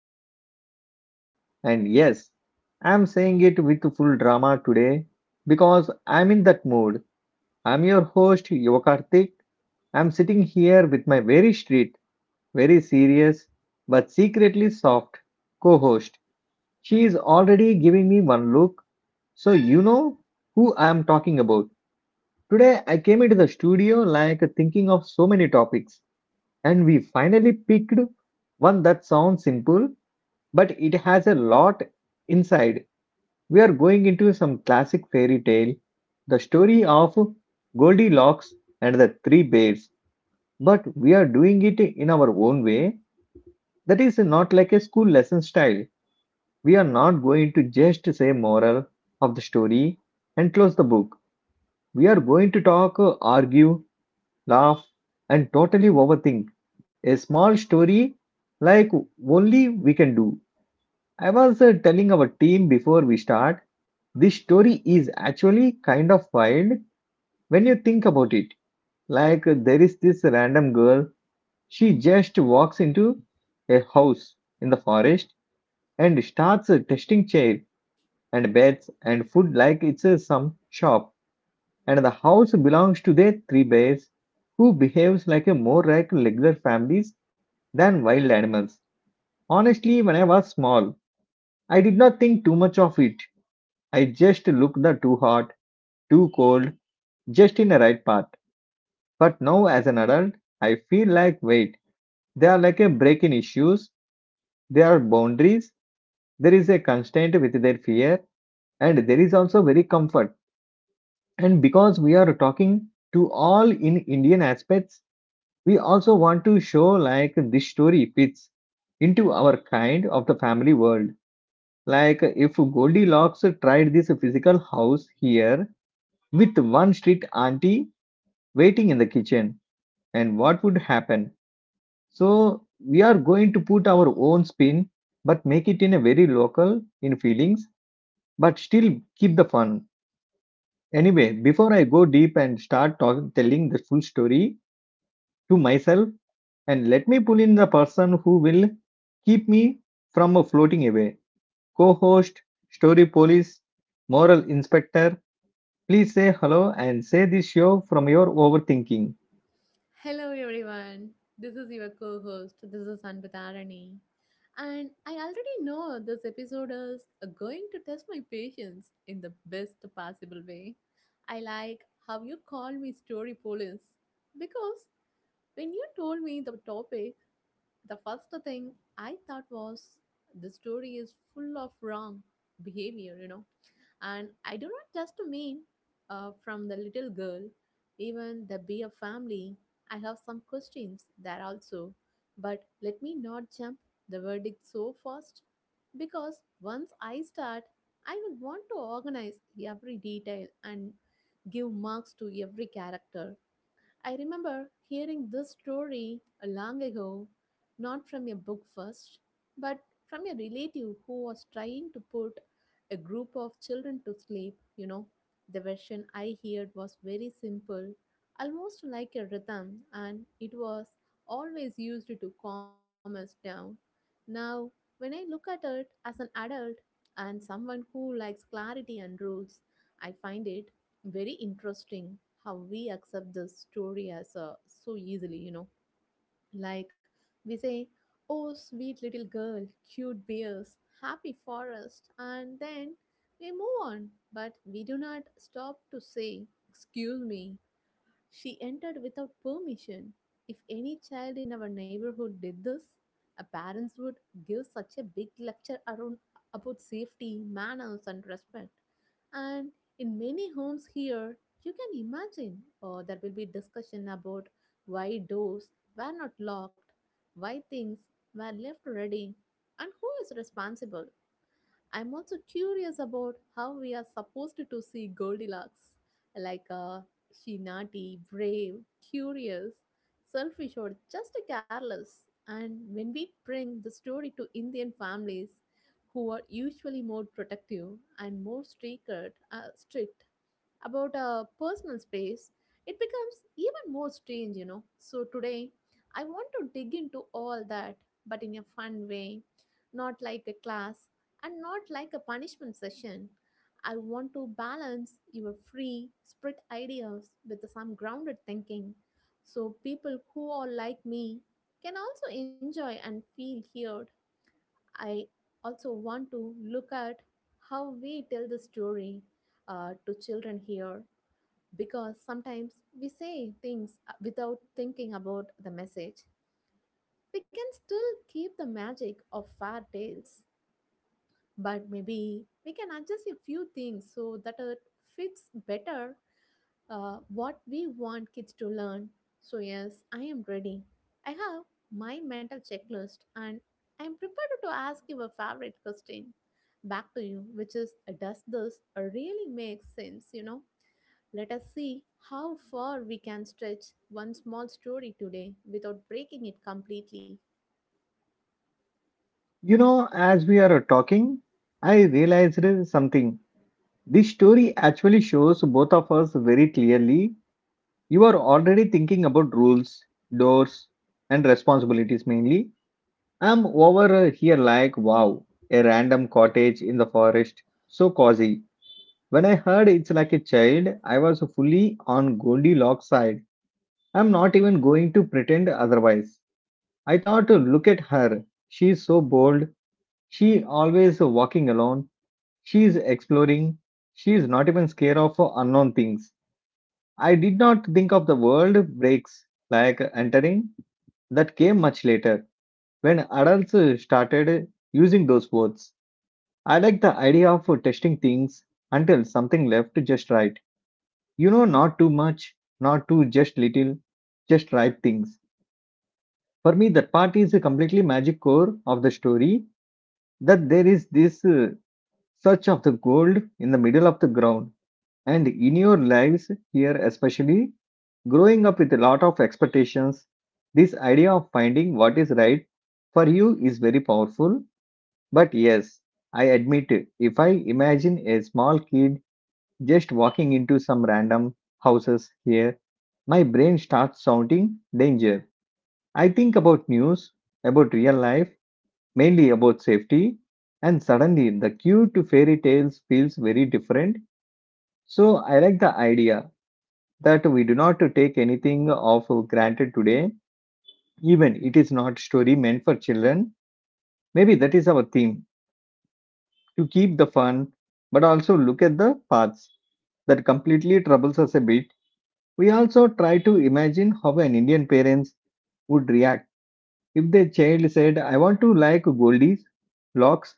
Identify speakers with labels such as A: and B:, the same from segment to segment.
A: show, Entertainment. And yes, I'm saying it with full drama today because I'm in that mood. I'm your host, Yokartik. I'm sitting here with my very strict, very serious, but secretly soft co host. She is already giving me one look, so you know who I'm talking about. Today, I came into the studio like thinking of so many topics and we finally picked one that sounds simple, but it has a lot inside. We are going into some classic fairy tale, the story of Goldilocks and the Three Bears, but we are doing it in our own way. That is not like a school lesson style. We are not going to just say moral of the story and close the book. We are going to talk, argue, laugh, and totally overthink a small story like only we can do. I was telling our team before we start, this story is actually kind of wild when you think about it. Like, there is this random girl, she just walks into a house in the forest and starts testing chair and beds and food like it's some shop. And the house belongs to their three bears, who behaves like a more like regular families than wild animals. Honestly, when I was small, I did not think too much of it. I just looked the too hot, too cold, just in the right path. But now as an adult, I feel like wait, they are like a break in issues, there are boundaries, there is a constraint with their fear, and there is also very comfort. And because we are talking to all in Indian aspects, we also want to show like this story fits into our kind of the family world. Like if Goldilocks tried this physical house here with one strict auntie waiting in the kitchen, and what would happen? So we are going to put our own spin, but make it in a very local in feelings, but still keep the fun. Anyway, before I go deep and telling the full story to myself, and let me pull in the person who will keep me from floating away. Co-host, story police, moral inspector, please say hello and say this show from your overthinking.
B: Hello, everyone. This is your co host. This is Anpatarani. And I already know this episode is going to test my patience in the best possible way. I like how you call me story police because when you told me the topic, the first thing I thought was the story is full of wrong behavior. And I do not just mean from the little girl, even the bee of family. I have some questions there also, but let me not jump the verdict so fast because once I start, I will want to organize every detail and give marks to every character. I remember hearing this story a long ago, not from a book first, but from a relative who was trying to put a group of children to sleep. You know, the version I heard was very simple, almost like a rhythm, and it was always used to calm us down. Now, when I look at it as an adult and someone who likes clarity and rules, I find it very interesting how we accept this story as so easily, you know, like we say, oh, sweet little girl, cute bears, happy forest, and then we move on, but we do not stop to say, excuse me, she entered without permission. If any child in our neighborhood did this, our parents would give such a big lecture around about safety, manners, and respect. And in many homes here, you can imagine there will be discussion about why doors were not locked, why things were left ready, and who is responsible. I'm also curious about how we are supposed to see Goldilocks like she naughty, brave, curious, selfish, or just careless. And when we bring the story to Indian families who are usually more protective and more strict, strict about personal space. It becomes even more strange, you know. So today, I want to dig into all that, but in a fun way, not like a class and not like a punishment session. I want to balance your free spirit ideas with some grounded thinking so people who are like me can also enjoy and feel heard. I also want to look at how we tell the story to children here because sometimes we say things without thinking about the message. We can still keep the magic of fairy tales, but maybe we can adjust a few things so that it fits better what we want kids to learn. So, yes, I am ready. I have my mental checklist and I am prepared to ask you a favorite question back to you, which is, does this really make sense? You know? Let us see how far we can stretch one small story today without breaking it completely.
A: You know, as we are talking, I realized something. This story actually shows both of us very clearly. You are already thinking about rules, doors, and responsibilities mainly. I'm over here like, wow, a random cottage in the forest. So cozy. When I heard it's like a child, I was fully on Goldilocks side. I'm not even going to pretend otherwise. I thought, look at her. She's so bold. She always walking alone. She's exploring. She's not even scared of unknown things. I did not think of the world breaks like entering. That came much later when adults started using those words. I like the idea of testing things until something left just right. You know, not too much, not too just little, just right things. For me, that part is a completely magic core of the story that there is this search of the gold in the middle of the ground, and in your lives here especially growing up with a lot of expectations, this idea of finding what is right for you is very powerful. But yes, I admit it, if I imagine a small kid just walking into some random houses here, my brain starts sounding danger. I think about news, about real life, mainly about safety, and suddenly the cue to fairy tales feels very different. So I like the idea that we do not take anything of granted today, even it is not story meant for children. Maybe that is our theme to keep the fun, but also look at the paths that completely troubles us a bit. We also try to imagine how an Indian parents would react if their child said, "I want to like Goldie's locks."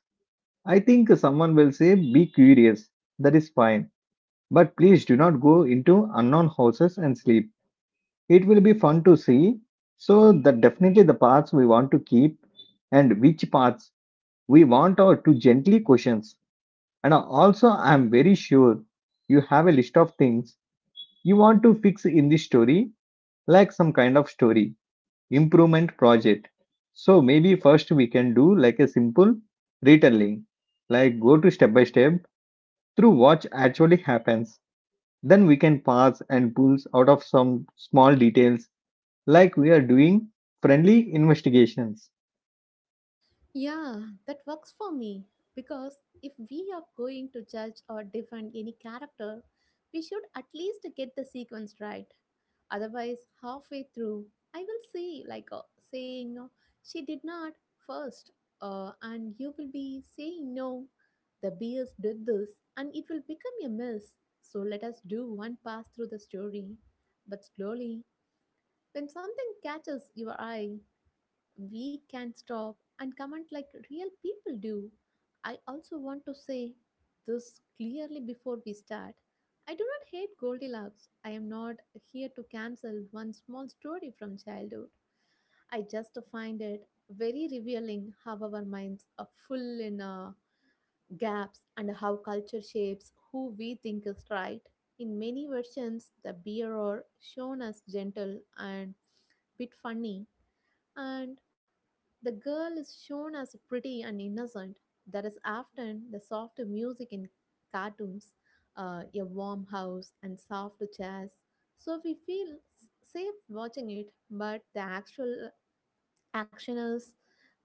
A: I think someone will say, be curious. That is fine. But please do not go into unknown houses and sleep. It will be fun to see. So, that definitely the paths we want to keep and which paths we want are to gently questions. And also, I am very sure you have a list of things you want to fix in this story, like some kind of story, improvement project. So, maybe first we can do like a simple retelling, like go to step by step through what actually happens. Then we can pass and pulls out of some small details like we are doing friendly investigations.
B: Yeah, that works for me because if we are going to judge or defend any character, we should at least get the sequence right. Otherwise, halfway through, I will see, like saying, she did not first, and you will be saying, no, the beers did this, and it will become a mess. So let us do one pass through the story. But slowly, when something catches your eye, we can stop and comment like real people do. I also want to say this clearly before we start. I do not hate Goldilocks. I am not here to cancel one small story from childhood. I just find it very revealing how our minds are full in gaps and how culture shapes who we think is right. In many versions, the bearer shown as gentle and bit funny and the girl is shown as pretty and innocent. That is often the soft music in cartoons, a warm house, and soft jazz. So we feel safe watching it, but the actual Actioners,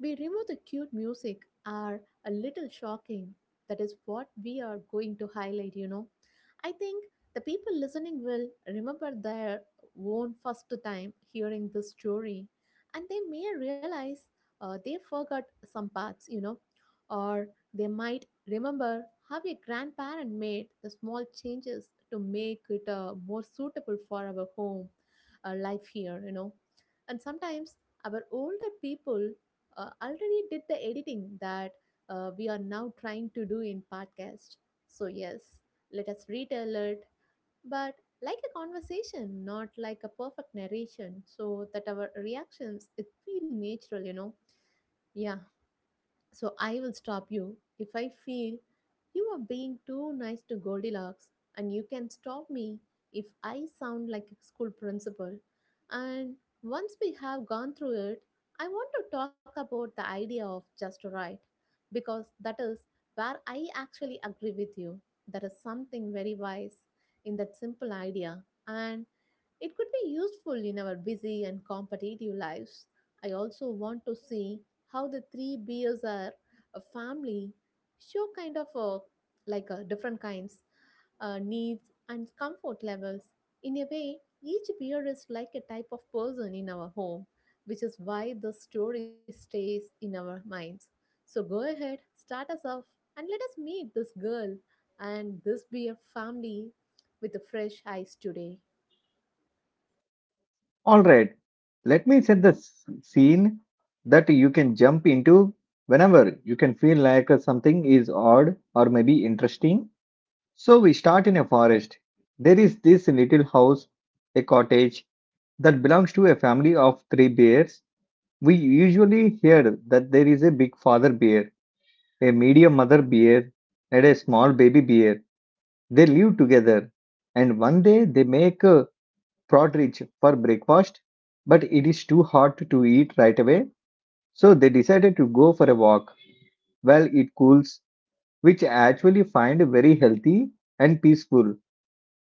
B: we remove the cute music, are a little shocking. That is what we are going to highlight, you know. I think the people listening will remember their own first time hearing this story and they may realize they forgot some parts, you know, or they might remember how a grandparent made the small changes to make it more suitable for our home life here, you know. And sometimes our older people already did the editing that we are now trying to do in podcast. So yes, let us retell it, but like a conversation, not like a perfect narration, so that our reactions it feel natural, you know. Yeah, so I will stop you if I feel you are being too nice to Goldilocks, and you can stop me if I sound like a school principal. And once we have gone through it, I want to talk about the idea of just right, because that is where I actually agree with you. There is something very wise in that simple idea. And it could be useful in our busy and competitive lives. I also want to see how the three beers are a family show kind of a, like a different kinds, needs and comfort levels. In a way, each beer is like a type of person in our home, which is why the story stays in our minds. So go ahead, start us off, and let us meet this girl and this beer family with the fresh eyes today.
A: Alright, let me set the scene that you can jump into whenever you can feel like something is odd or maybe interesting. So we start in a forest. There is this little house, a cottage that belongs to a family of three bears. We usually hear that there is a big father bear, a medium mother bear, and a small baby bear. They live together, and one day they make a partridge for breakfast, but it is too hot to eat right away, so they decided to go for a walk while it cools, which I actually find very healthy and peaceful.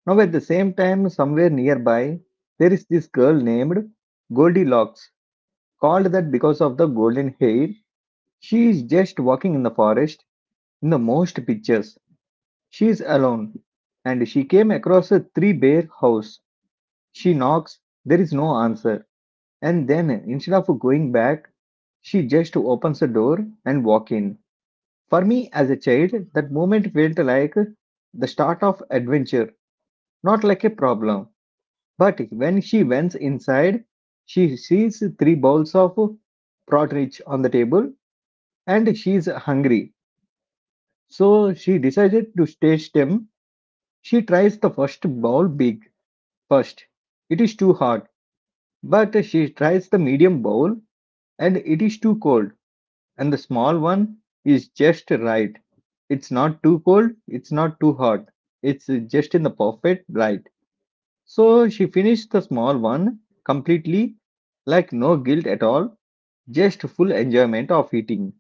A: Now, at the same time, somewhere nearby, there is this girl named Goldilocks, called that because of the golden hair. She is just walking in the forest in the most pictures. She is alone, and she came across a three bear house. She knocks, there is no answer, and then instead of going back, she just opens the door and walk in. For me as a child, that moment felt like the start of adventure, not like a problem. But when she went inside, she sees three bowls of porridge on the table and she is hungry. So she decided to taste them. She tries the first bowl big first, it is too hot, but she tries the medium bowl and it is too cold, and the small one is just right. It's not too cold, it's not too hot, it's just in the perfect right. So she finished the small one completely, like no guilt at all, just full enjoyment of eating.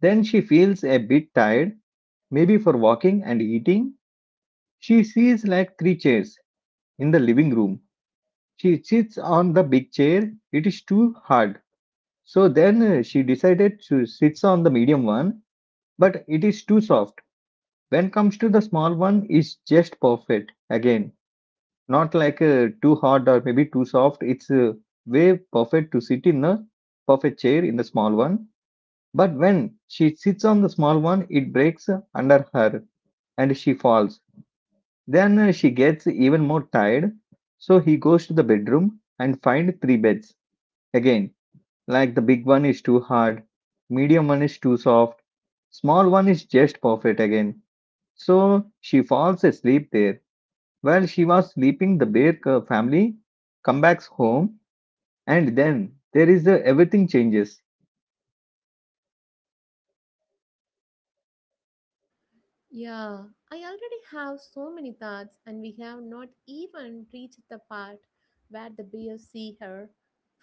A: Then she feels a bit tired, maybe for walking and eating. She sees like three chairs in the living room. She sits on the big chair. It is too hard. So then she decided to sits on the medium one, but it is too soft. When comes to the small one, it's just perfect. Again, not like too hard or maybe too soft. It's way perfect to sit in the perfect chair in the small one. But when she sits on the small one, it breaks under her and she falls. Then she gets even more tired. So he goes to the bedroom and find three beds again. Like the big one is too hard, medium one is too soft, small one is just perfect again. So she falls asleep there. While she was sleeping, the family come back home, and then there is a, everything changes.
B: Yeah, I already have so many thoughts, and we have not even reached the part where the bears see her.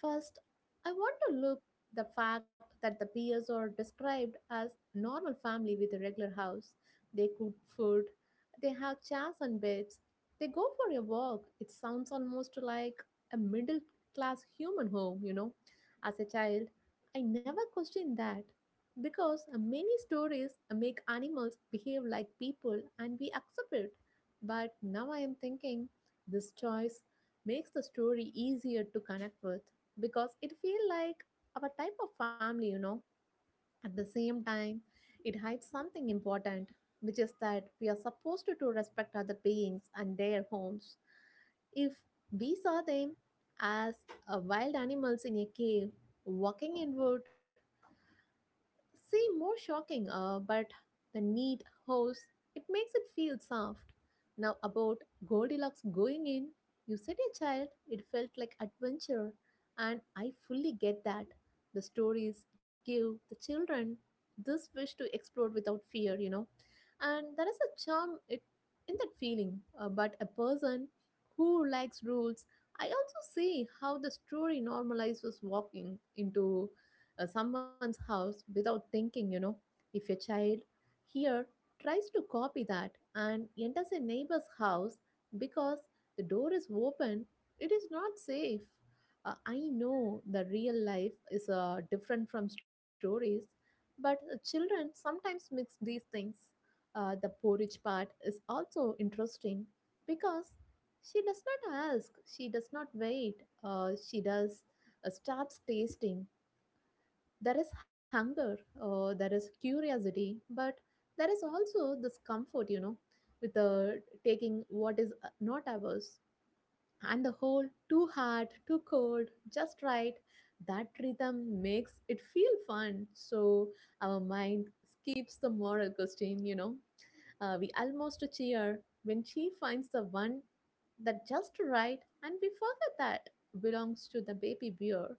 B: First, I want to look the fact that the bears are described as normal family with a regular house. They cook food, they have chairs and beds, they go for a walk. It sounds almost like a middle class human home, you know. As a child, I never questioned that. Because many stories make animals behave like people and we accept it. But now I am thinking this choice makes the story easier to connect with because it feels like our type of family, you know. At the same time, it hides something important, which is that we are supposed to respect other beings and their homes. If we saw them as wild animals in a cave, walking in wood, see, more shocking, but the neat hose, it makes it feel soft. Now, about Goldilocks going in, you said a child, it felt like adventure, and I fully get that. The stories give the children this wish to explore without fear, you know, and there is a charm it, in that feeling. But a person who likes rules, I also see how the story normalizes walking into someone's house without thinking, you know. If your child here tries to copy that and enters a neighbor's house because the door is open, it is not safe. I know the real life is different from stories, but children sometimes mix these things. The porridge part is also interesting because she does not ask, she does not wait, she does starts tasting. There is hunger, there is curiosity, but there is also this comfort, you know, with taking what is not ours. And the whole too hot, too cold, just right, that rhythm makes it feel fun. So our mind skips the moral question, you know. We almost cheer when she finds the one that just right, and we forget that belongs to the baby bear.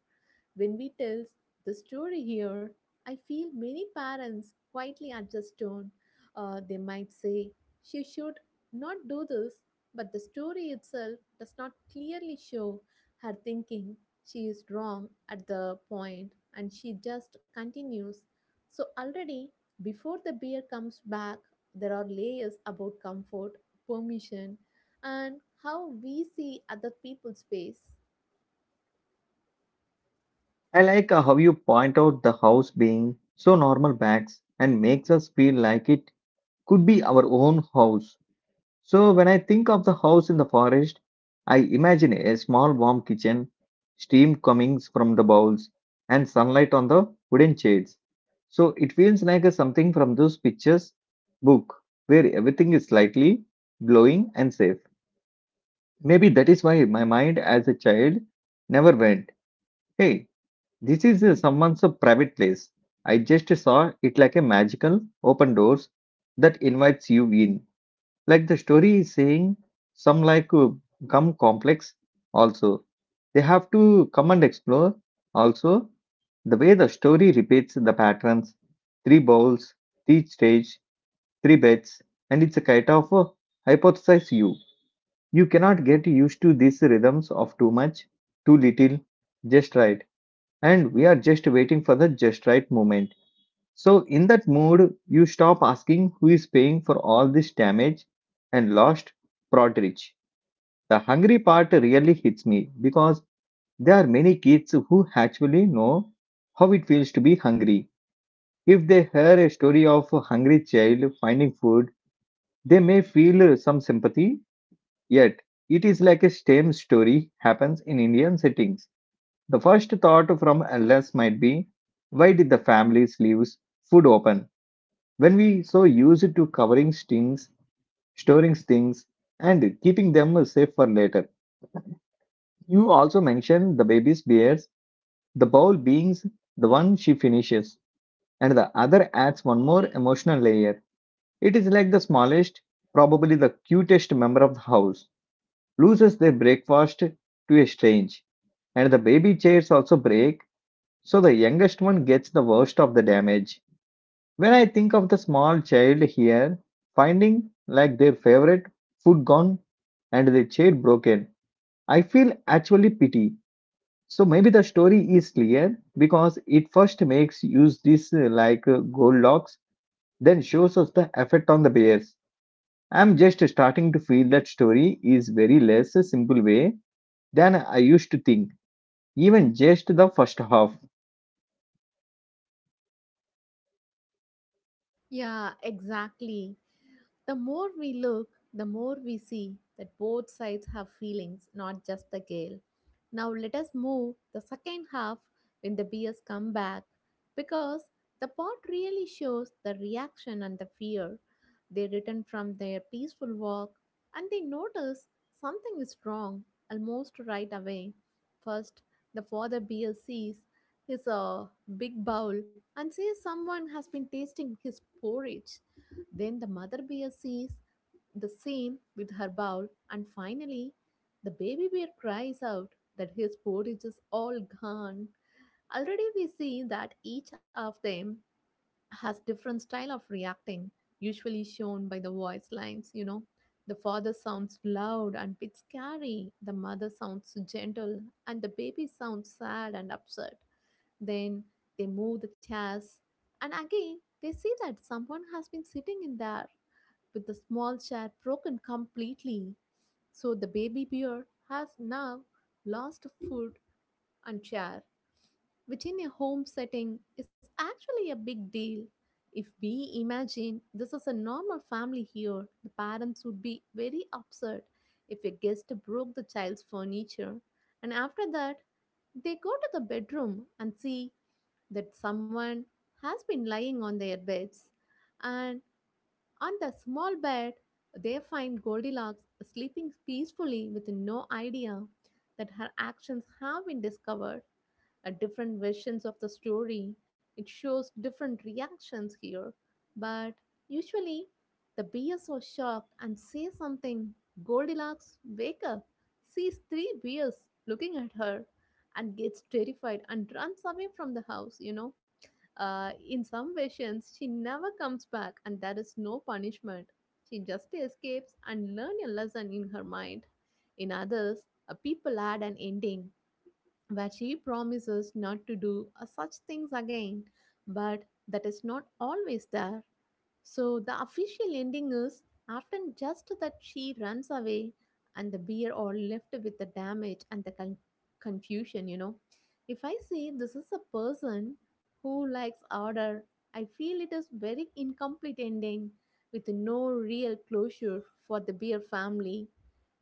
B: When we tells the story here, I feel many parents quietly adjust tone. They might say, she should not do this, but the story itself does not clearly show her thinking. She is wrong at the point and she just continues. So, already before the beer comes back, there are layers about comfort, permission, and how we see other people's space.
A: I like how you point out the house being so normal backs and makes us feel like it could be our own house. So when I think of the house in the forest, I imagine a small warm kitchen, steam coming from the bowls, and sunlight on the wooden shades. So it feels like a something from those pictures book where everything is slightly glowing and safe. Maybe that is why my mind as a child never went, hey, this is someone's private place. I just saw it like a magical open doors that invites you in. Like the story is saying, some like come complex also. They have to come and explore also the way the story repeats the patterns three bowls, three stage, three beds, and it's a kind of a hypothesize you. You cannot get used to these rhythms of too much, too little, just right. And we are just waiting for the just right moment. So, in that mood, you stop asking who is paying for all this damage and lost Prodridge. The hungry part really hits me because there are many kids who actually know how it feels to be hungry. If they hear a story of a hungry child finding food, they may feel some sympathy, yet it is like a same story happens in Indian settings. The first thought from LS might be, why did the families leave food open? When we so used to covering stings, storing stings, and keeping them safe for later. You also mentioned the baby's bears, the bowl beings, the one she finishes, and the other adds one more emotional layer. It is like the smallest, probably the cutest member of the house, loses their breakfast to a strange, and the baby chairs also break, so the youngest one gets the worst of the damage. When I think of the small child here finding like their favorite food gone and their chair broken, I feel actually pity. So maybe the story is clear because it first makes use this like Goldilocks, then shows us the effect on the bears. I'm just starting to feel that story is very less a simple way than I used to think, even just the first half.
B: Yeah, exactly. The more we look, the more we see that both sides have feelings, not just the gale. Now let us move the second half when the bears come back because the pot really shows the reaction and the fear. They return from their peaceful walk and they notice something is wrong almost right away. First, the father bear sees his big bowl and says someone has been tasting his porridge. Then the mother bear sees the same with her bowl, and finally, the baby bear cries out that his porridge is all gone. Already, we see that each of them has different style of reacting, usually shown by the voice lines. You know, the father sounds loud and bit scary, the mother sounds gentle, and the baby sounds sad and upset. Then they move the chairs, and again, they see that someone has been sitting in there with the small chair broken completely, so the baby bear has now lost foot and chair, which in a home setting is actually a big deal. If we imagine this is a normal family here, the parents would be very upset if a guest broke the child's furniture. And after that, they go to the bedroom and see that someone has been lying on their beds and on the small bed, they find Goldilocks sleeping peacefully with no idea that her actions have been discovered at different versions of the story. It shows different reactions here, but usually the bears are shocked and say something. Goldilocks wake up, sees three bears looking at her, and gets terrified and runs away from the house. In some versions she never comes back, and there is no punishment. She just escapes and learns a lesson in her mind. In others, a people add an ending where she promises not to do such things again, but that is not always there. So the official ending is often just that she runs away and the bear are left with the damage and the con- confusion. If I say this is a person who likes order, I feel it is very incomplete ending with no real closure for the bear family.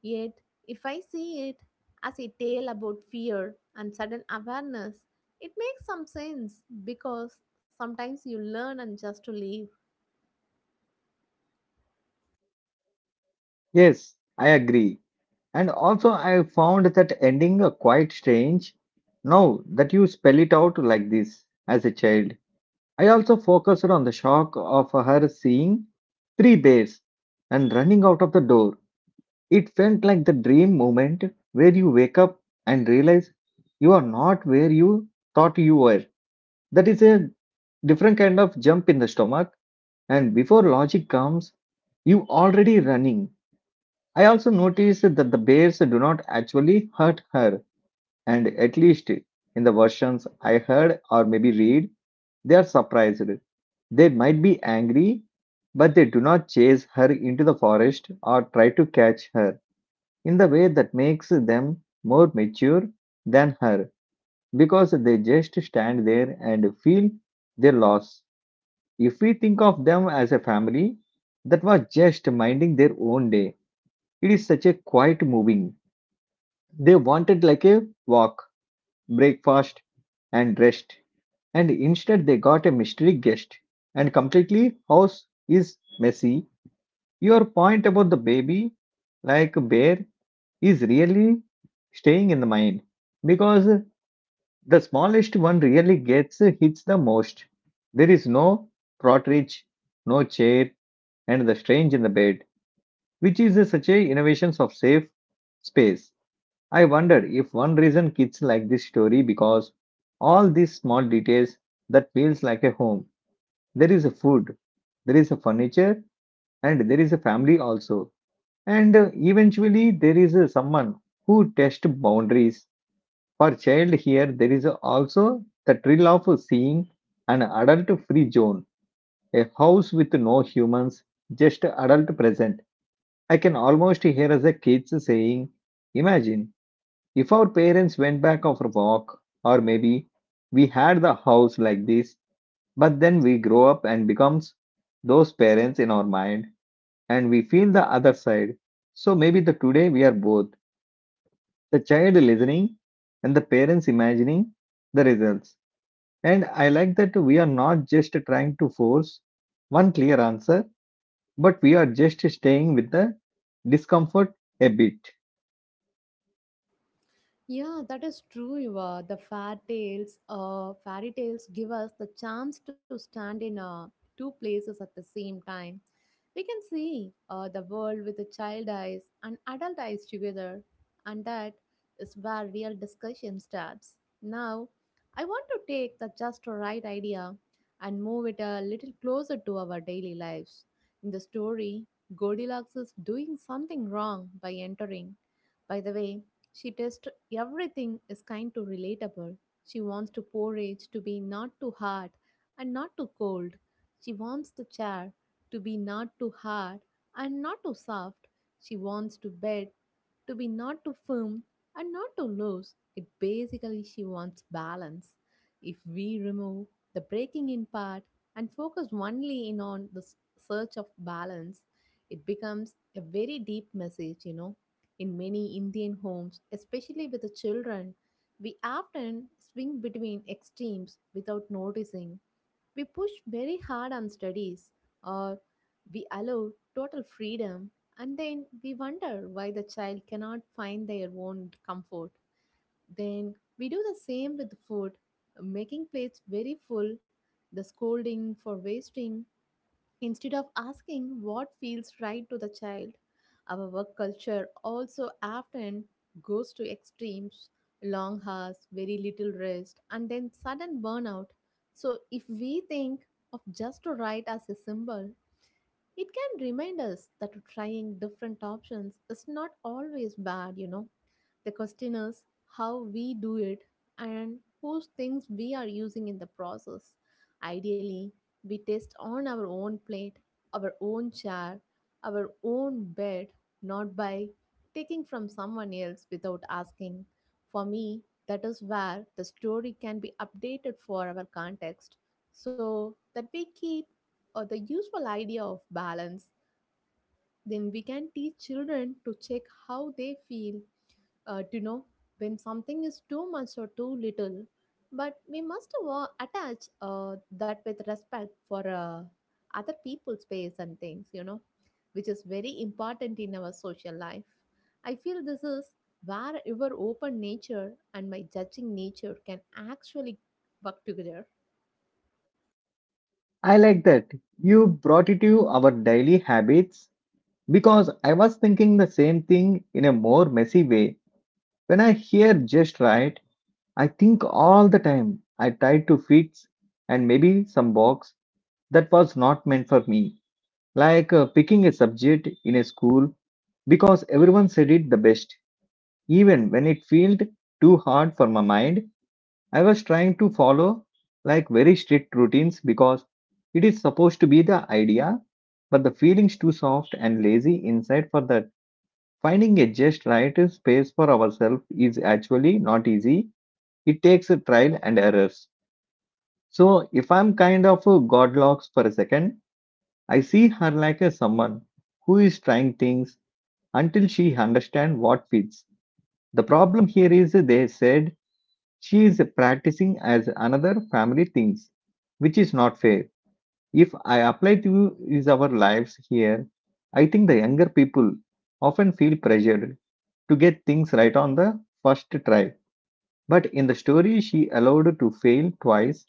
B: Yet if I see it as a tale about fear and sudden awareness, it makes some sense because sometimes you learn and just to leave.
A: Yes, I agree. And also, I found that ending quite strange. Now that you spell it out like this as a child, I also focused on the shock of her seeing three bears and running out of the door. It felt like the dream moment where you wake up and realize you are not where you thought you were. That is a different kind of jump in the stomach. And before logic comes, you already running. I also noticed that the bears do not actually hurt her and at least in the versions I heard or maybe read, they are surprised. They might be angry, but they do not chase her into the forest or try to catch her in the way that makes them more mature than her because they just stand there and feel their loss. If we think of them as a family that was just minding their own day, it is such a quiet moving. They wanted like a walk, breakfast, and rest and instead they got a mystery guest and completely house is messy. Your point about the baby like bear is really staying in the mind because the smallest one really gets hits the most. There is no cartridge, no chair, and the strange in the bed, which is such a innovations of safe space. I wonder if one reason kids like this story because all these small details that feels like a home. There is a food, there is a furniture, and there is a family also, and eventually there is someone who tests boundaries. For child here there is also the thrill of seeing an adult free zone, a house with no humans, just adult present. I can almost hear as a kids saying, imagine if our parents went back for a walk or maybe we had the house like this. But then we grow up and becomes those parents in our mind, and we feel the other side. So maybe the today we are both the child listening and the parents imagining the results. And I like that we are not just trying to force one clear answer, but we are just staying with the discomfort a bit.
B: Yeah, that is true, Eva. The fair tales, fairy tales give us the chance to stand in two places at the same time. We can see the world with the child eyes and adult eyes together, and that is where real discussion starts. Now, I want to take the just right idea and move it a little closer to our daily lives. In the story, Goldilocks is doing something wrong by entering. By the way, she tests everything is kind to relatable. She wants to porridge to be not too hot and not too cold. She wants the chair to be not too hard and not too soft. She wants to bed to be not too firm and not too loose. It basically she wants balance. If we remove the breaking in part and focus only in on the s- search of balance, it becomes a very deep message. In many Indian homes, especially with the children, we often swing between extremes without noticing we push very hard on studies or we allow total freedom and then we wonder why the child cannot find their own comfort. Then we do the same with food, making plates very full, the scolding for wasting. Instead of asking what feels right to the child, our work culture also often goes to extremes long hours, very little rest, and then sudden burnout. So, if we think of just to write as a symbol, it can remind us that trying different options is not always bad. The question is how we do it and whose things we are using in the process. Ideally, we test on our own plate, our own chair, our own bed, not by taking from someone else without asking. For me, that is where the story can be updated for our context so that we keep the useful idea of balance. Then we can teach children to check how they feel to know when something is too much or too little. But we must attach that with respect for other people's space and things, which is very important in our social life. I feel this is where your open nature and my judging nature can actually work together.
A: I like that you brought it to our daily habits because I was thinking the same thing in a more messy way. When I hear just right, I think all the time I tried to fit and maybe some box that was not meant for me, like picking a subject in a school because everyone said it the best. Even when it felt too hard for my mind, I was trying to follow like very strict routines because it is supposed to be the idea, but the feeling's too soft and lazy inside for that. Finding a just right space for ourselves is actually not easy. It takes a trial and errors. So if I'm kind of a godlocks for a second, I see her like a someone who is trying things until she understands what fits. The problem here is they said she is practicing as another family things, which is not fair. If I apply to is our lives here, I think the younger people often feel pressured to get things right on the first try. But in the story, she allowed to fail twice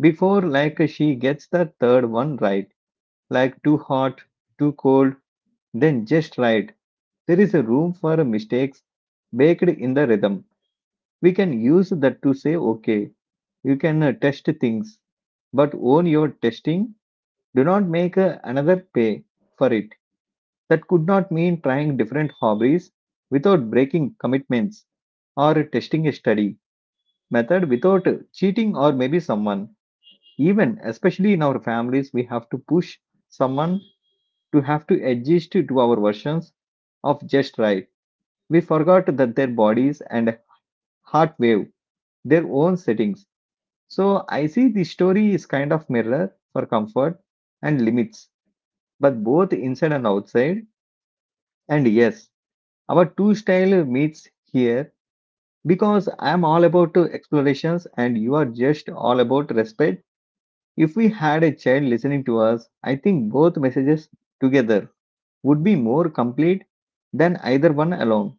A: before like she gets the third one right, like too hot, too cold, then just right. There is a room for mistakes baked in the rhythm. We can use that to say, okay, you can test things, but own your testing. Do not make another pay for it. That could not mean trying different hobbies without breaking commitments or testing a study method without cheating or maybe someone. Even, especially in our families, we have to push someone to have to adjust to our versions of just right. We forgot that their bodies and heart wave their own settings. So I see the story is kind of mirror for comfort and limits, but both inside and outside. And yes, our two style meets here because I am all about to explorations and you are just all about respect. If we had a child listening to us, I think both messages together would be more complete than either one alone.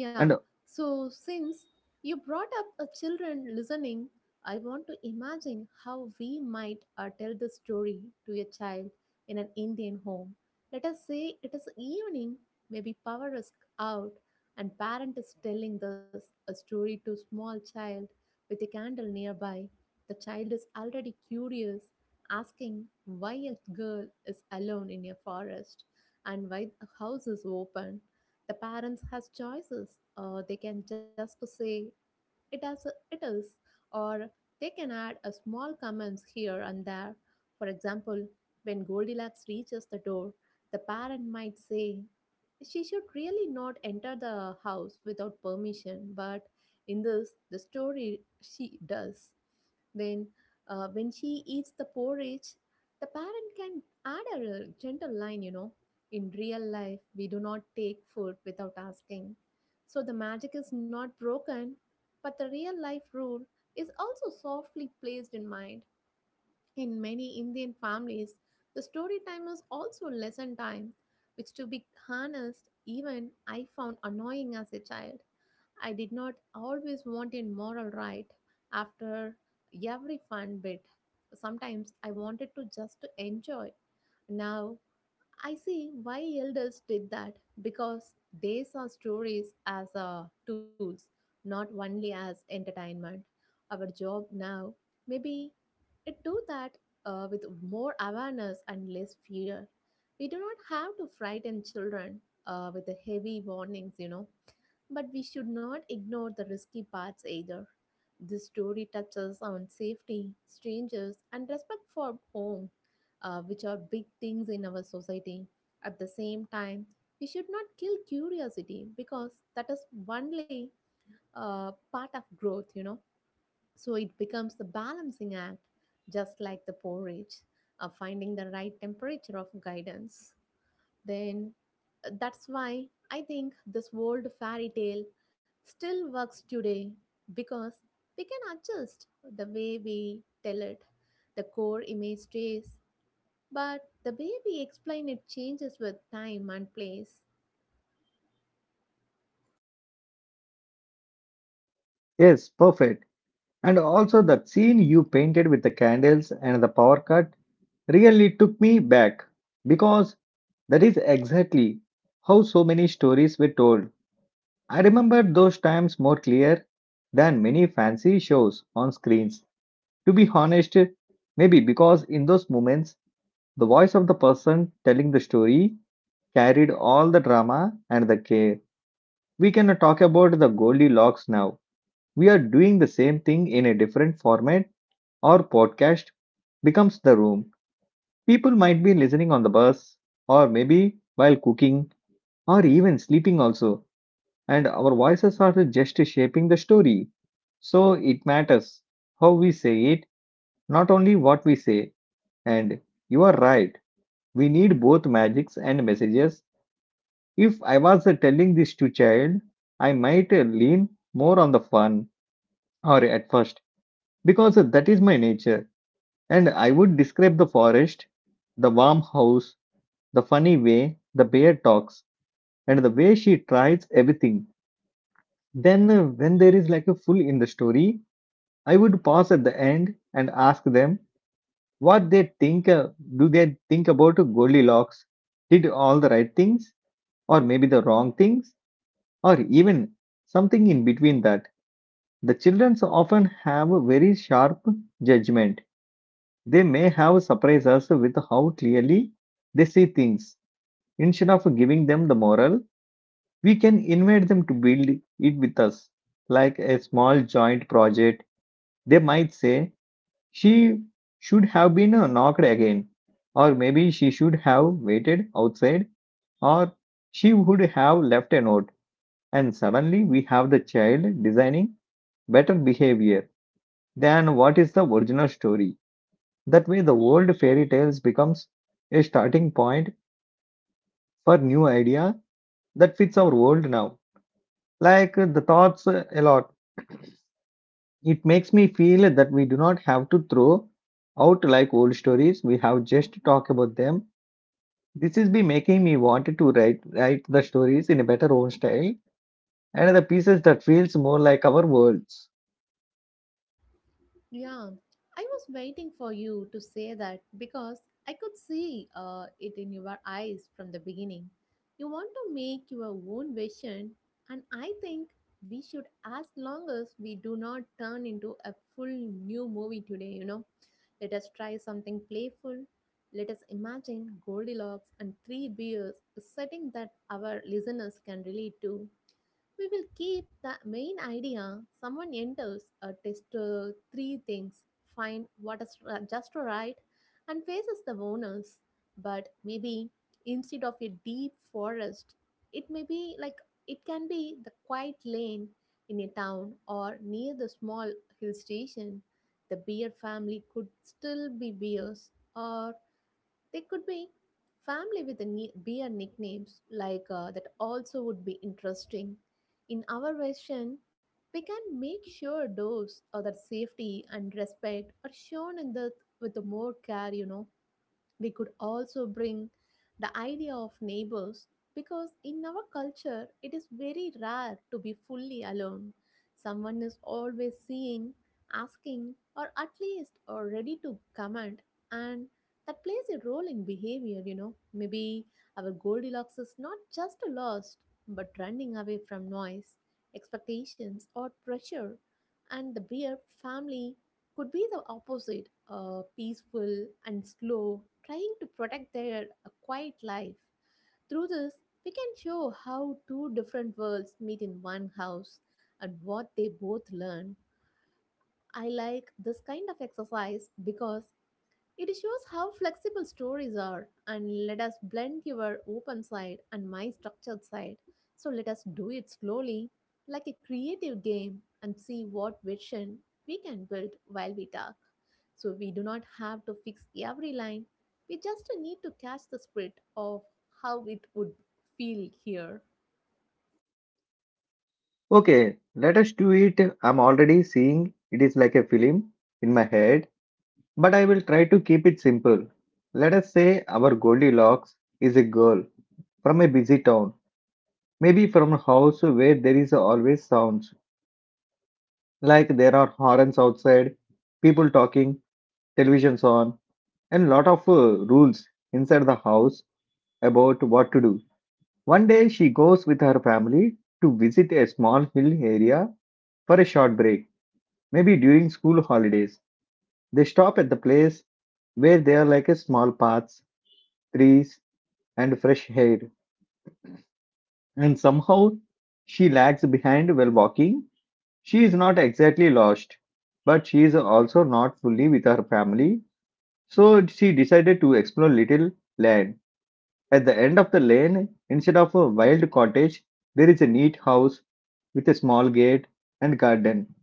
B: Yeah,
A: And
B: so since you brought up a children listening, I want to imagine how we might tell the story to a child in an Indian home. Let us say it is evening, maybe power is out, and parent is telling this a story to small child with a candle nearby. The child is already curious, asking why a girl is alone in a forest and why the house is open. The parents has choices they can just say it as it is, or they can add a small comments here and there. For example, when Goldilocks reaches the door, the parent might say, she should really not enter the house without permission, but in this, the story she does. Then, when she eats the porridge, the parent can add a gentle line, in real life, we do not take food without asking. So the magic is not broken, but the real life rule is also softly placed in mind. In many Indian families, the story time is also lesson time, which, to be honest, even I found annoying as a child. I did not always want a moral right after every fun bit. Sometimes I wanted to just to enjoy. Now I see why elders did that because they saw stories as tools, not only as entertainment. Our job now, maybe it do that with more awareness and less fear. We do not have to frighten children with the heavy warnings. But we should not ignore the risky parts either. This story touches on safety, strangers, and respect for home, which are big things in our society. At the same time, we should not kill curiosity because that is only part of growth. So it becomes the balancing act, just like the porridge, of finding the right temperature of guidance then that's why I think this old fairy tale still works today because we can adjust the way we tell it. The core image stays, but the way we explain it changes with time and place.
A: yes, perfect. And also that scene you painted with the candles and the power cut really took me back because that is exactly how so many stories were told. I remember those times more clear than many fancy shows on screens. To be honest, maybe because in those moments the voice of the person telling the story carried all the drama and the care. We cannot talk about the Goldilocks now. We are doing the same thing in a different format or podcast becomes the room. People might be listening on the bus or maybe while cooking or even sleeping also, and our voices are just shaping the story. So it matters how we say it, not only what we say. And you are right, we need both magics and messages. If I was telling this to child, I might lean more on the fun or at first because that is my nature. And I would describe the forest, the warm house, the funny way the bear talks, and the way she tries everything. Then, when there is like a full in the story, I would pause at the end and ask them what they think. Do they think about Goldilocks? Did all the right things, or maybe the wrong things, or even something in between that? The children often have a very sharp judgment. They may have surprised us with how clearly they see things. Instead of giving them the moral, we can invite them to build it with us, like a small joint project. They might say, she should have been knocked again, or maybe she should have waited outside, or she would have left a note. And suddenly we have the child designing better behavior than what is the original story. That way, the old fairy tales becomes a starting point for new idea that fits our world now. Like the thoughts a lot. It makes me feel that we do not have to throw out like old stories. We have just to talk about them. This is be making me want to write the stories in a better own style and the pieces that feels more like our worlds.
B: Yeah, I was waiting for you to say that because I could see it in your eyes from the beginning. You want to make your own vision, and I think we should, as long as we do not turn into a full new movie today, let us try something playful. Let us imagine Goldilocks and three bears, a setting that our listeners can relate to. We will keep the main idea. Someone enters a test three things, find what is just right, and faces the owners. But maybe instead of a deep forest, it may be like it can be the quiet lane in a town or near the small hill station. The beer family could still be bears or they could be family with a beer nicknames like that also would be interesting. In our version, we can make sure those or that safety and respect are shown in the with the more care. We could also bring the idea of neighbors because in our culture it is very rare to be fully alone. Someone is always seeing, asking, or at least or ready to comment, and that plays a role in behavior. Maybe our Goldilocks is not just lost but running away from noise, expectations, or pressure, and the beer family could be the opposite peaceful and slow, trying to protect their quiet life. Through this, we can show how two different worlds meet in one house and what they both learn. I like this kind of exercise because it shows how flexible stories are, and let us blend your open side and my structured side. So let us do it slowly, like a creative game, and see what vision we can build while we talk. So we do not have to fix every line, we just need to catch the spirit of how it would feel here.
A: Okay, let us do it. I'm already seeing it is like a film in my head, but I will try to keep it simple. Let us say our Goldilocks is a girl from a busy town, maybe from a house where there is always sounds. Like there are horns outside, people talking, televisions on, and lot of rules inside the house about what to do. One day she goes with her family to visit a small hill area for a short break, maybe during school holidays. They stop at the place where there are like a small paths, trees, and fresh air. And somehow she lags behind while walking. She is not exactly lost, but she is also not fully with her family. So she decided to explore little land. At the end of the lane, instead of a wild cottage, there is a neat house with a small gate and garden.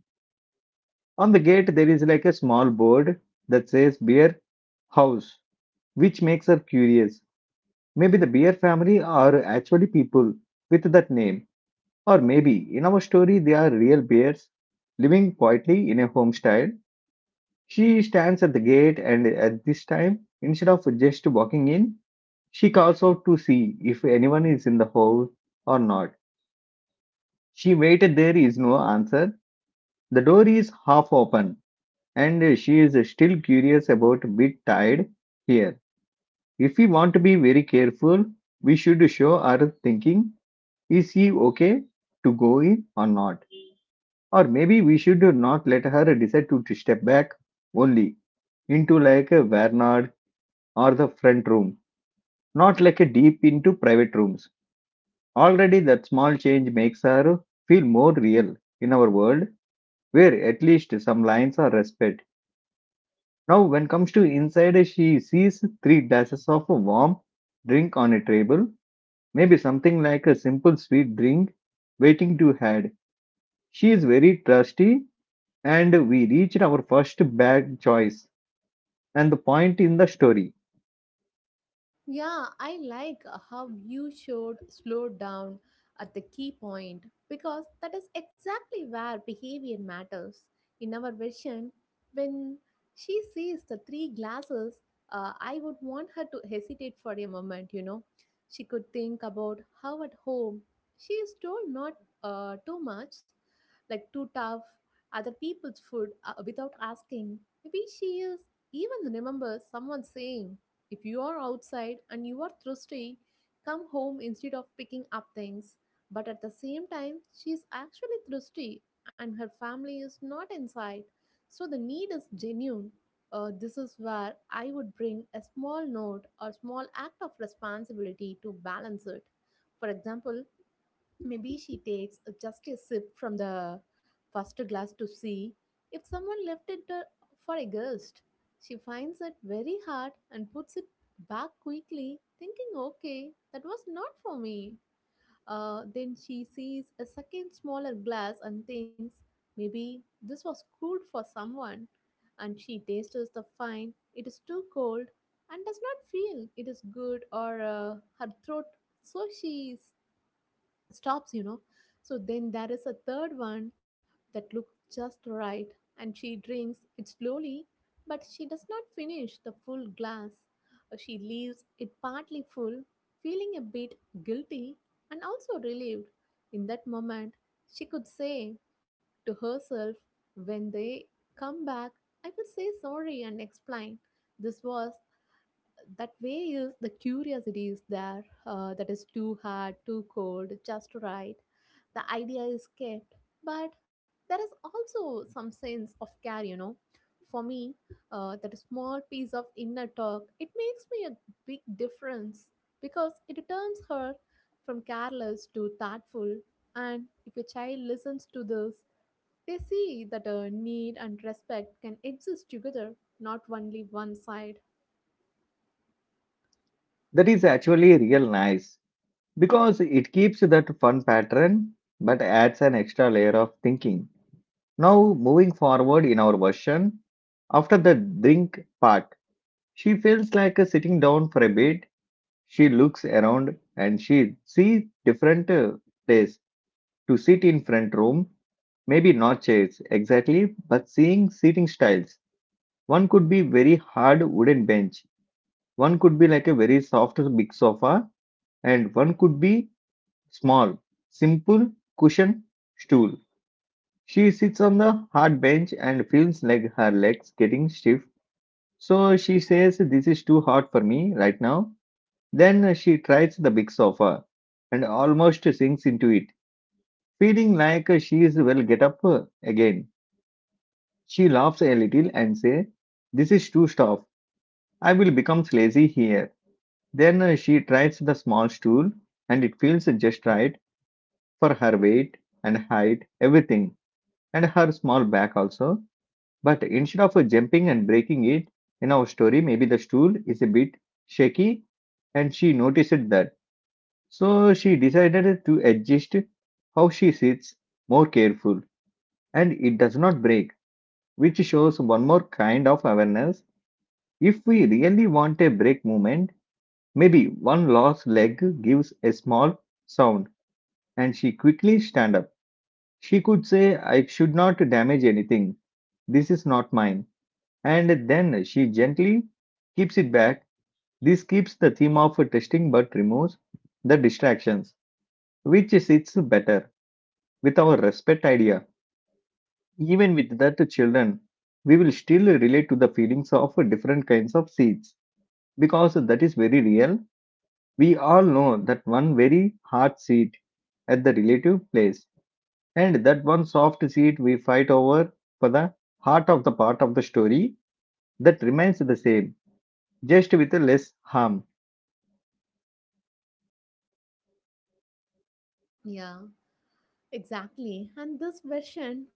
A: On the gate, there is like a small board that says Beer House, which makes her curious. Maybe the Beer family are actually people with that name, or maybe in our story, they are real bears living quietly in a homestead. She stands at the gate, and at this time, instead of just walking in, she calls out to see if anyone is in the hole or not. She waited, there is no answer. The door is half open, and she is still curious about a bit tired here. If we want to be very careful, we should show our thinking, is she okay to go in or not? Or maybe we should not let her decide to step back only into like a Vernard or the front room, not like a deep into private rooms. Already, that small change makes her feel more real in our world, where at least some lines are respect. Now, when comes to inside, she sees three dashes of a warm drink on a table, maybe something like a simple sweet drink waiting to had. She is very trusty, and we reached our first bag choice and the point in the story.
B: Yeah, I like how you showed slow down at the key point because that is exactly where behavior matters. In our version, when she sees the three glasses, I would want her to hesitate for a moment. She could think about how at home she is told not too much, like too tough, other people's food without asking. Maybe she is even remembers someone saying, if you are outside and you are thirsty, come home instead of picking up things. But at the same time, she is actually thirsty and her family is not inside. So the need is genuine. This is where I would bring a small note or small act of responsibility to balance it. For example, maybe she takes just a sip from the first glass to see if someone left it for a guest. She finds it very hard and puts it back quickly, thinking, okay, that was not for me. Then she sees a second smaller glass and thinks, maybe this was cool for someone. And she tastes the fine, it is too cold, and does not feel it is good or her throat. So she stops, so then there is a third one that looks just right, and she drinks it slowly, but she does not finish the full glass. She leaves it partly full, feeling a bit guilty and also relieved. In that moment, she could say to herself, when they come back, I will say sorry and explain. This was that way is the curiosity is there, that is too hard, too cold, just right. The idea is kept, but there is also some sense of care, for me. That small piece of inner talk, it makes me a big difference, because it turns her from careless to thoughtful. And if a child listens to this, they see that need and respect can exist together, not only one side.
A: That is actually real nice because it keeps that fun pattern but adds an extra layer of thinking. Now, moving forward in our version, after the drink part, she feels like sitting down for a bit. She looks around and she sees different place to sit in front room. Maybe not chairs exactly, but seeing seating styles. One could be very hard wooden bench. One could be like a very soft big sofa, and one could be small, simple cushion stool. She sits on the hard bench and feels like her legs getting stiff. So she says, this is too hard for me right now. Then she tries the big sofa and almost sinks into it, feeling like she is well get up again. She laughs a little and says, this is too tough. I will become lazy here. Then she tries the small stool and it feels just right for her weight and height, everything, and her small back also. But instead of jumping and breaking it, in our story, maybe the stool is a bit shaky and she noticed that. So she decided to adjust how she sits more careful and it does not break, which shows one more kind of awareness. If we really want a break movement, maybe one lost leg gives a small sound and she quickly stand up. She could say, I should not damage anything. This is not mine. And then she gently keeps it back. This keeps the theme of testing but removes the distractions, which sits better with our respect idea. Even with that children, we will still relate to the feelings of different kinds of seeds because that is very real. We all know that one very hard seat at the relative place and that one soft seat we fight over for the heart of the part of the story that remains the same, just with less harm.
B: Yeah. Exactly. And this version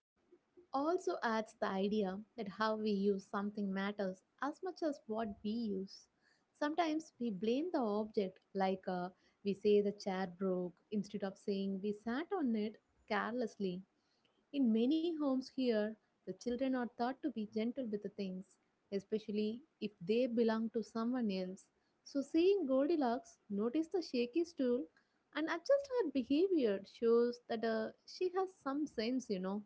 B: also adds the idea that how we use something matters as much as what we use. Sometimes we blame the object, like, we say the chair broke instead of saying we sat on it carelessly. In many homes here, the children are taught to be gentle with the things, especially if they belong to someone else. So, seeing Goldilocks notice the shaky stool and adjust her behavior shows that she has some sense, you know.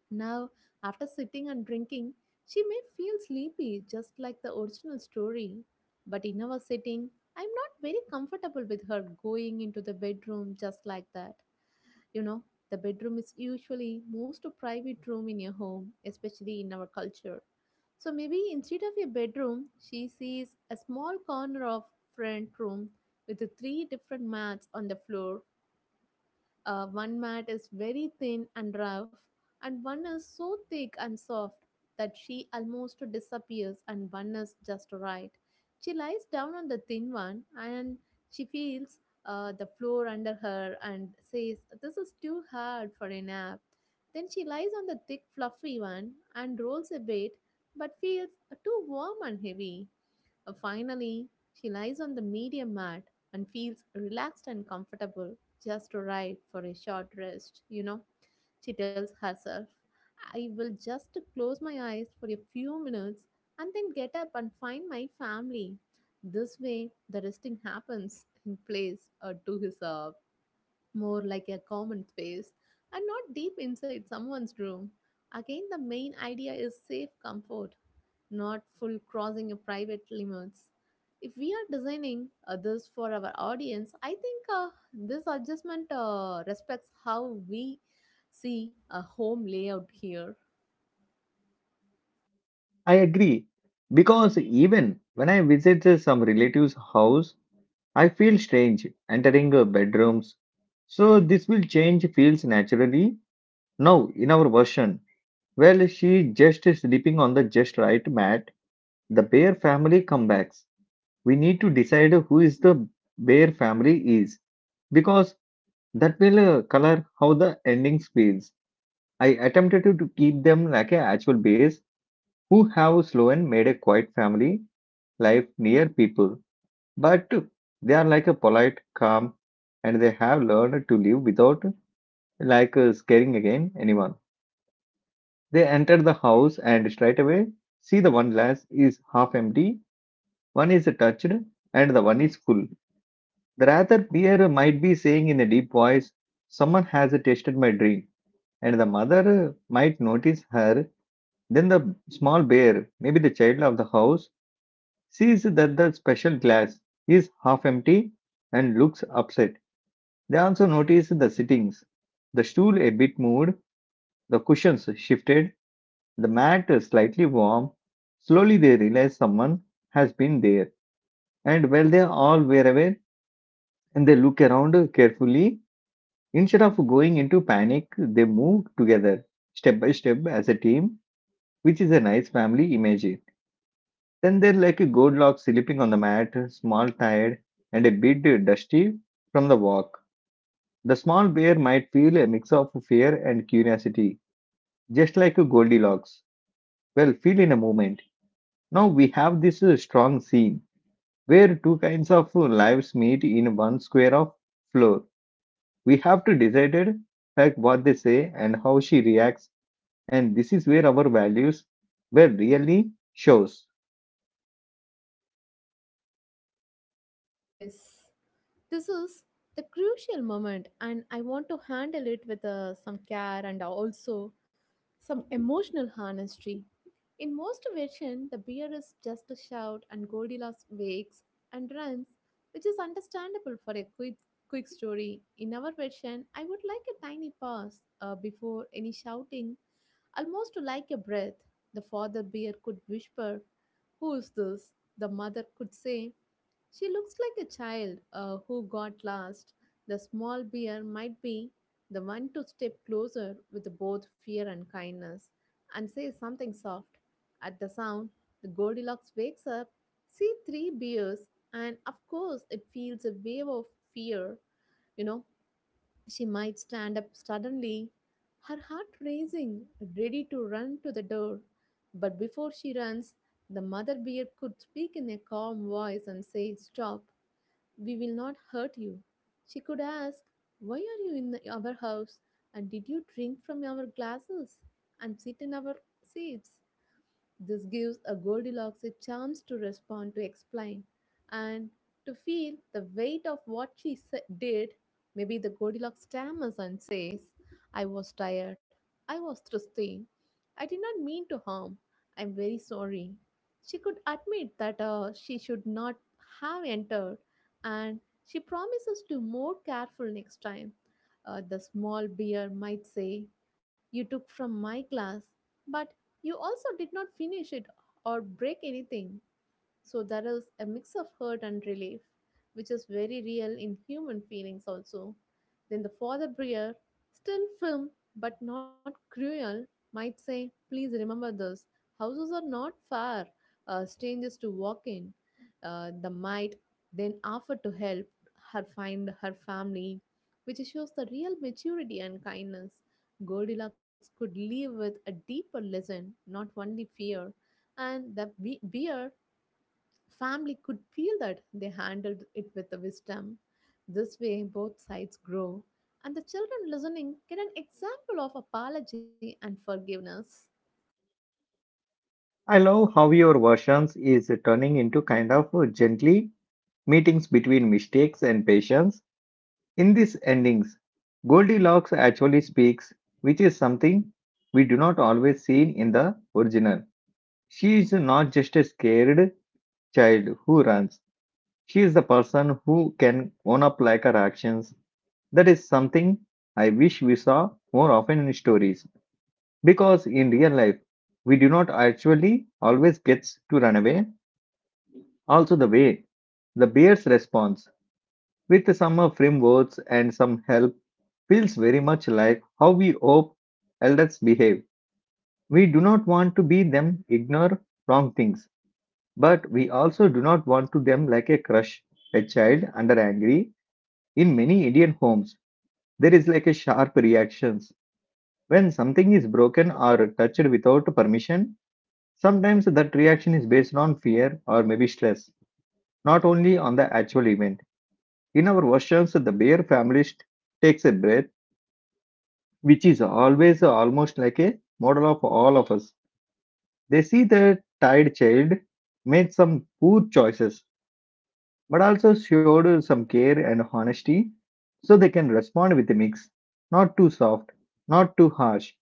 B: Now, after sitting and drinking, she may feel sleepy, just like the original story. But in our setting, I'm not very comfortable with her going into the bedroom just like that. You know, the bedroom is usually most private room in your home, especially in our culture. So maybe instead of a bedroom, she sees a small corner of front room with the three different mats on the floor. One mat is very thin and rough, and one is so thick and soft that she almost disappears, and one is just right. She lies down on the thin one, and she feels the floor under her, and says, "This is too hard for a nap." Then she lies on the thick, fluffy one and rolls a bit, but feels too warm and heavy. Finally, she lies on the media mat and feels relaxed and comfortable, just right for a short rest, you know. She tells herself, "I will just close my eyes for a few minutes, and then get up and find my family." This way, the resting happens in place or to his, more like a common space, and not deep inside someone's room. Again, the main idea is safe comfort, not full crossing of private limits. If we are designing others for our audience, I think this adjustment respects how we see a home layout here.
A: I agree. Because even when I visit some relative's house, I feel strange entering bedrooms. So this will change feels naturally. Now, in our version, well, she just sleeping on the just right mat. The bear family comebacks. We need to decide who is the bear family is because that will color how the endings feels. I attempted to keep them like a actual base who have slow and made a quiet family life near people, but they are like a polite, calm, and they have learned to live without like scaring again anyone. They enter the house and straight away see the one glass is half empty, one is touched, and the one is full. The rather peer might be saying in a deep voice, "Someone has tasted my drink," and the mother might notice her. Then the small bear, maybe the child of the house, sees that the special glass is half empty and looks upset. They also notice the sittings, the stool a bit moved, the cushions shifted, the mat slightly warm. Slowly they realize someone has been there. And while they all were aware and they look around carefully, instead of going into panic, they move together, step by step as a team, which is a nice family image. Then they're like a Goldilocks sleeping on the mat, small, tired, and a bit dusty from the walk. The small bear might feel a mix of fear and curiosity, just like a Goldilocks. Well, feel in a moment. Now we have this strong scene where two kinds of lives meet in one square of floor. We have to decide it, like what they say and how she reacts, and this is where our values well really shows.
B: Yes, this is the crucial moment, and I want to handle it with some care and also some emotional honesty. In most versions, the bear is just a shout and Goldilocks wakes and runs, which is understandable for a quick story. In our version, I would like a tiny pause before any shouting, almost like a breath. The father bear could whisper, "Who's this?" The mother could say, "She looks like a child who got lost." The small bear might be the one to step closer with both fear and kindness and say something soft. At the sound, the Goldilocks wakes up, see three bears, and of course it feels a wave of fear. You know, she might stand up suddenly, her heart racing, ready to run to the door. But before she runs, the mother bear could speak in a calm voice and say, "Stop. We will not hurt you." She could ask, "Why are you in our house? And did you drink from our glasses? And sit in our seats?" This gives a Goldilocks a chance to respond, to explain, and to feel the weight of what she did. Maybe the Goldilocks stammers and says, "I was tired. I was thirsty. I did not mean to harm. I'm very sorry." She could admit that she should not have entered, and she promises to more careful next time. The small beer might say, "You took from my glass, but you also did not finish it or break anything." So there is a mix of hurt and relief, which is very real in human feelings also. Then the father Breer, still firm but not cruel, might say, "Please remember this. Houses are not fair. Strangers to walk in." The might then offer to help her find her family, which shows the real maturity and kindness. Goldilocks could leave with a deeper lesson, not only fear, and the bear family could feel that they handled it with the wisdom. This way, both sides grow, and the children listening get an example of apology and forgiveness.
A: I love how your versions is turning into kind of gently meetings between mistakes and patience. In these endings, Goldilocks actually speaks, which is something we do not always see in the original. She is not just a scared child who runs. She is the person who can own up like her actions. That is something I wish we saw more often in stories. Because in real life, we do not actually always get to run away. Also, the way the bear's response, with some firm words and some help, feels very much like how we hope elders behave. We do not want to be them ignore wrong things, but we also do not want to them like a crush, a child under angry. In many Indian homes, there is like a sharp reactions when something is broken or touched without permission. Sometimes that reaction is based on fear or maybe stress, not only on the actual event. In our versions, the bear family takes a breath, which is always almost like a model of all of us. They see their tired child made some poor choices, but also showed some care and honesty, so they can respond with a mix, not too soft, not too harsh,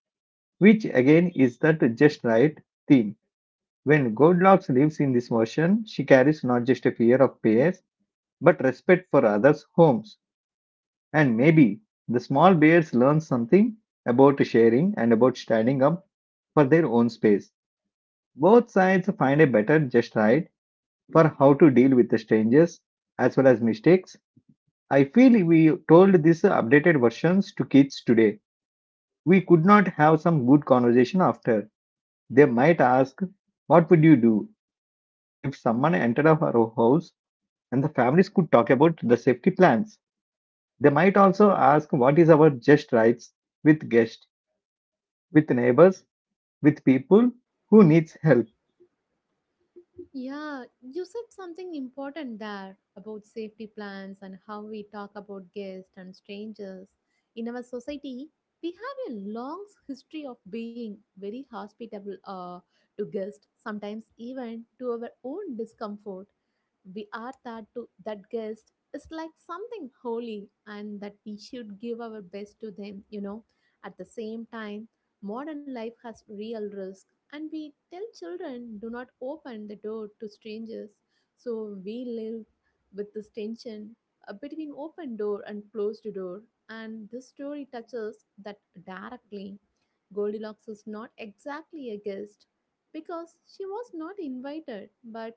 A: which again is that just right theme. When Goldilocks lives in this version, she carries not just a fear of bears, but respect for others' homes. And maybe the small bears learn something about sharing and about standing up for their own space. Both sides find a better just right for how to deal with the strangers as well as mistakes. I feel we told these updated versions to kids today. We could not have some good conversation after. They might ask, what would you do if someone entered our house? And the families could talk about the safety plans. They might also ask, what is our just rights with guests? With neighbors, with people who needs help.
B: Yeah, you said something important there about safety plans and how we talk about guests and strangers. In our society, we have a long history of being very hospitable, to guests, sometimes even to our own discomfort. We are that to that guest is like something holy, and that we should give our best to them, you know. At the same time, modern life has real risk, and we tell children, do not open the door to strangers. So we live with this tension, between open door and closed door, and this story touches that directly. Goldilocks is not exactly a guest because she was not invited, but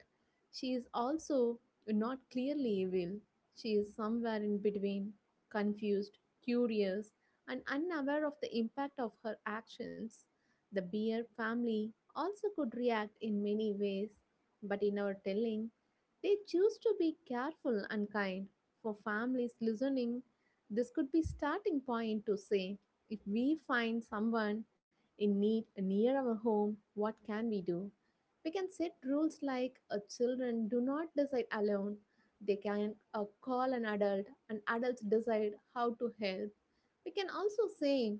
B: she is also not clearly evil. She is somewhere in between, confused, curious, and unaware of the impact of her actions. The Bear family also could react in many ways, but in our telling, they choose to be careful and kind. For families listening, this could be starting point to say, if we find someone in need near our home, what can we do? We can set rules like, children do not decide alone. They can call an adult, and adults decide how to help. We can also say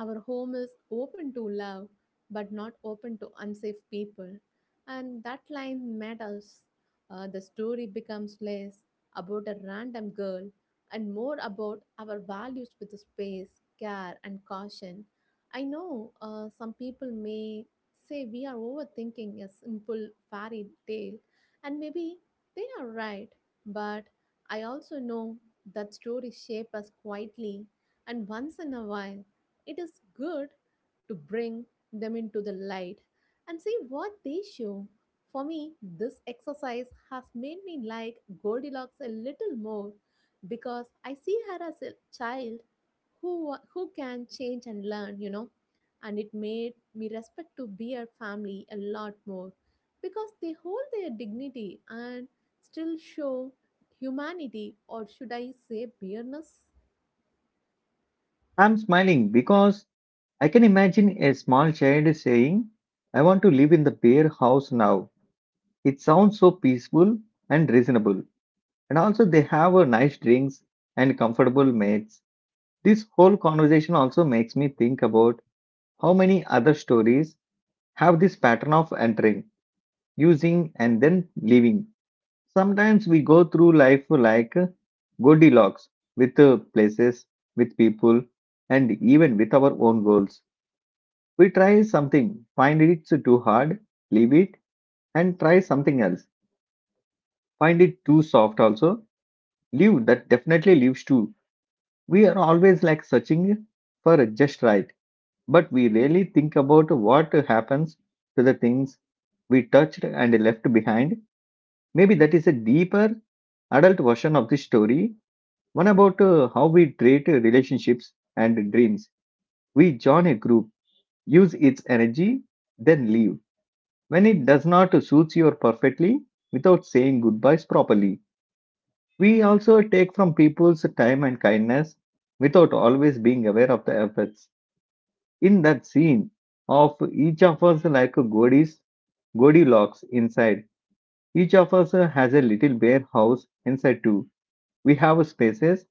B: our home is open to love, but not open to unsafe people. And that line matters. The story becomes less about a random girl and more about our values with space, care, and caution. I know some people may say we are overthinking a simple fairy tale, and maybe they are right, but I also know that stories shape us quietly, and once in a while it is good to bring them into the light and see what they show. For me, this exercise has made me like Goldilocks a little more, because I see her as a child who can change and learn, you know. And it made me respect to bear family a lot more because they hold their dignity and still show humanity, or should I say bearness?
A: I'm smiling because I can imagine a small child saying, I want to live in the bear house now. It sounds so peaceful and reasonable. And also they have a nice drinks and comfortable mates. This whole conversation also makes me think about how many other stories have this pattern of entering, using and then leaving. Sometimes we go through life like Goldilocks with places, with people, and even with our own goals. We try something, find it too hard, leave it, and try something else. Find it too soft also, leave that definitely leaves too. We are always like searching for just right, but we rarely think about what happens to the things we touched and left behind. Maybe that is a deeper adult version of this story. One about how we treat relationships and dreams. We join a group, use its energy, then leave. When it does not suit you perfectly, without saying goodbyes properly. We also take from people's time and kindness without always being aware of the efforts. In that scene of each of us like a Godis, Goldilocks inside. Each of us has a little bare house inside too. We have spaces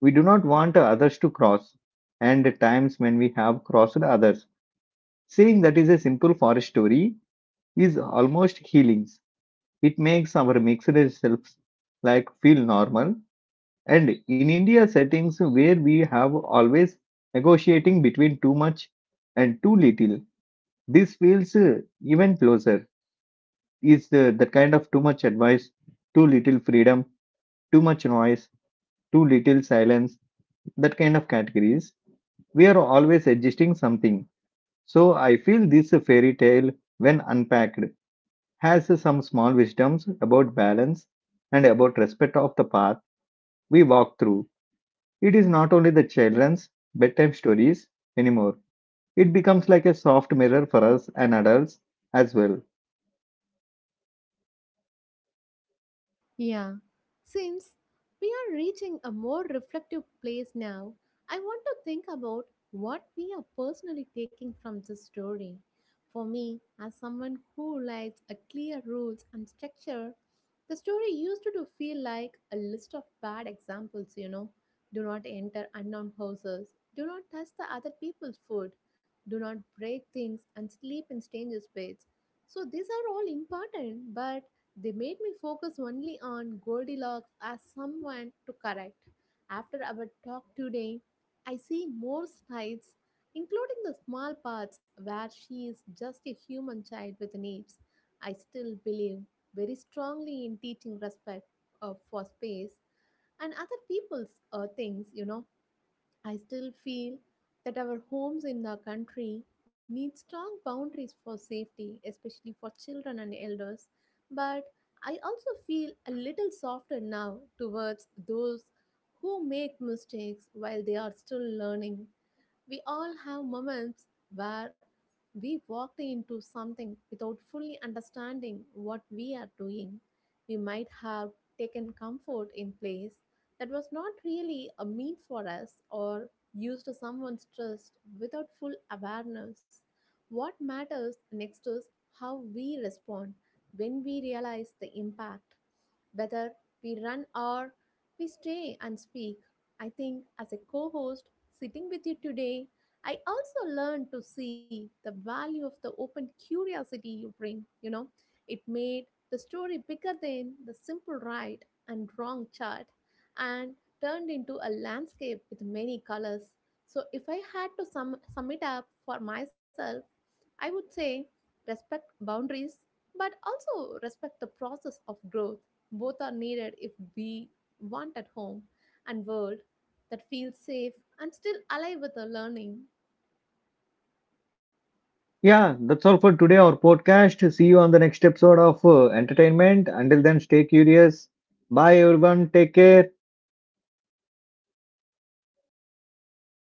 A: we do not want others to cross, and at times when we have crossed others, saying that is a simple forest story is almost healing. It makes our mixed selves like feel normal. And in India settings where we have always negotiating between too much and too little, this feels even closer. Is the kind of too much advice, too little freedom, too much noise, too little silence, that kind of categories. We are always adjusting something. So I feel this fairy tale, when unpacked, has some small wisdoms about balance and about respect of the path we walk through. It is not only the children's bedtime stories anymore. It becomes like a soft mirror for us and adults as well.
B: Yeah. Since we are reaching a more reflective place now, I want to think about what we are personally taking from this story. For me, as someone who likes a clear rules and structure, the story used to feel like a list of bad examples, you know. Do not enter unknown houses. Do not touch the other people's food. Do not break things and sleep in strangers' beds. So these are all important, but they made me focus only on Goldilocks as someone to correct. After our talk today, I see more sides, including the small parts where she is just a human child with needs. I still believe very strongly in teaching respect for space and other people's things, you know. I still feel that our homes in the country need strong boundaries for safety, especially for children and elders. But I also feel a little softer now towards those who make mistakes while they are still learning. We all have moments where we walked into something without fully understanding what we are doing. We might have taken comfort in place that was not really a meant for us, or used someone's trust without full awareness. What matters next is how we respond when we realize the impact. Whether we run or we stay and speak, I think as a co host sitting with you today, I also learned to see the value of the open curiosity you bring. You know, it made the story bigger than the simple right and wrong chart, and turned into a landscape with many colors. So, if I had to sum it up for myself, I would say respect boundaries, but also respect the process of growth. Both are needed if we want at home and world that feels safe and still alive with the learning.
A: Yeah, that's all for today, our podcast. See you on the next episode of Entertainment. Until then, stay curious. Bye, everyone. Take care.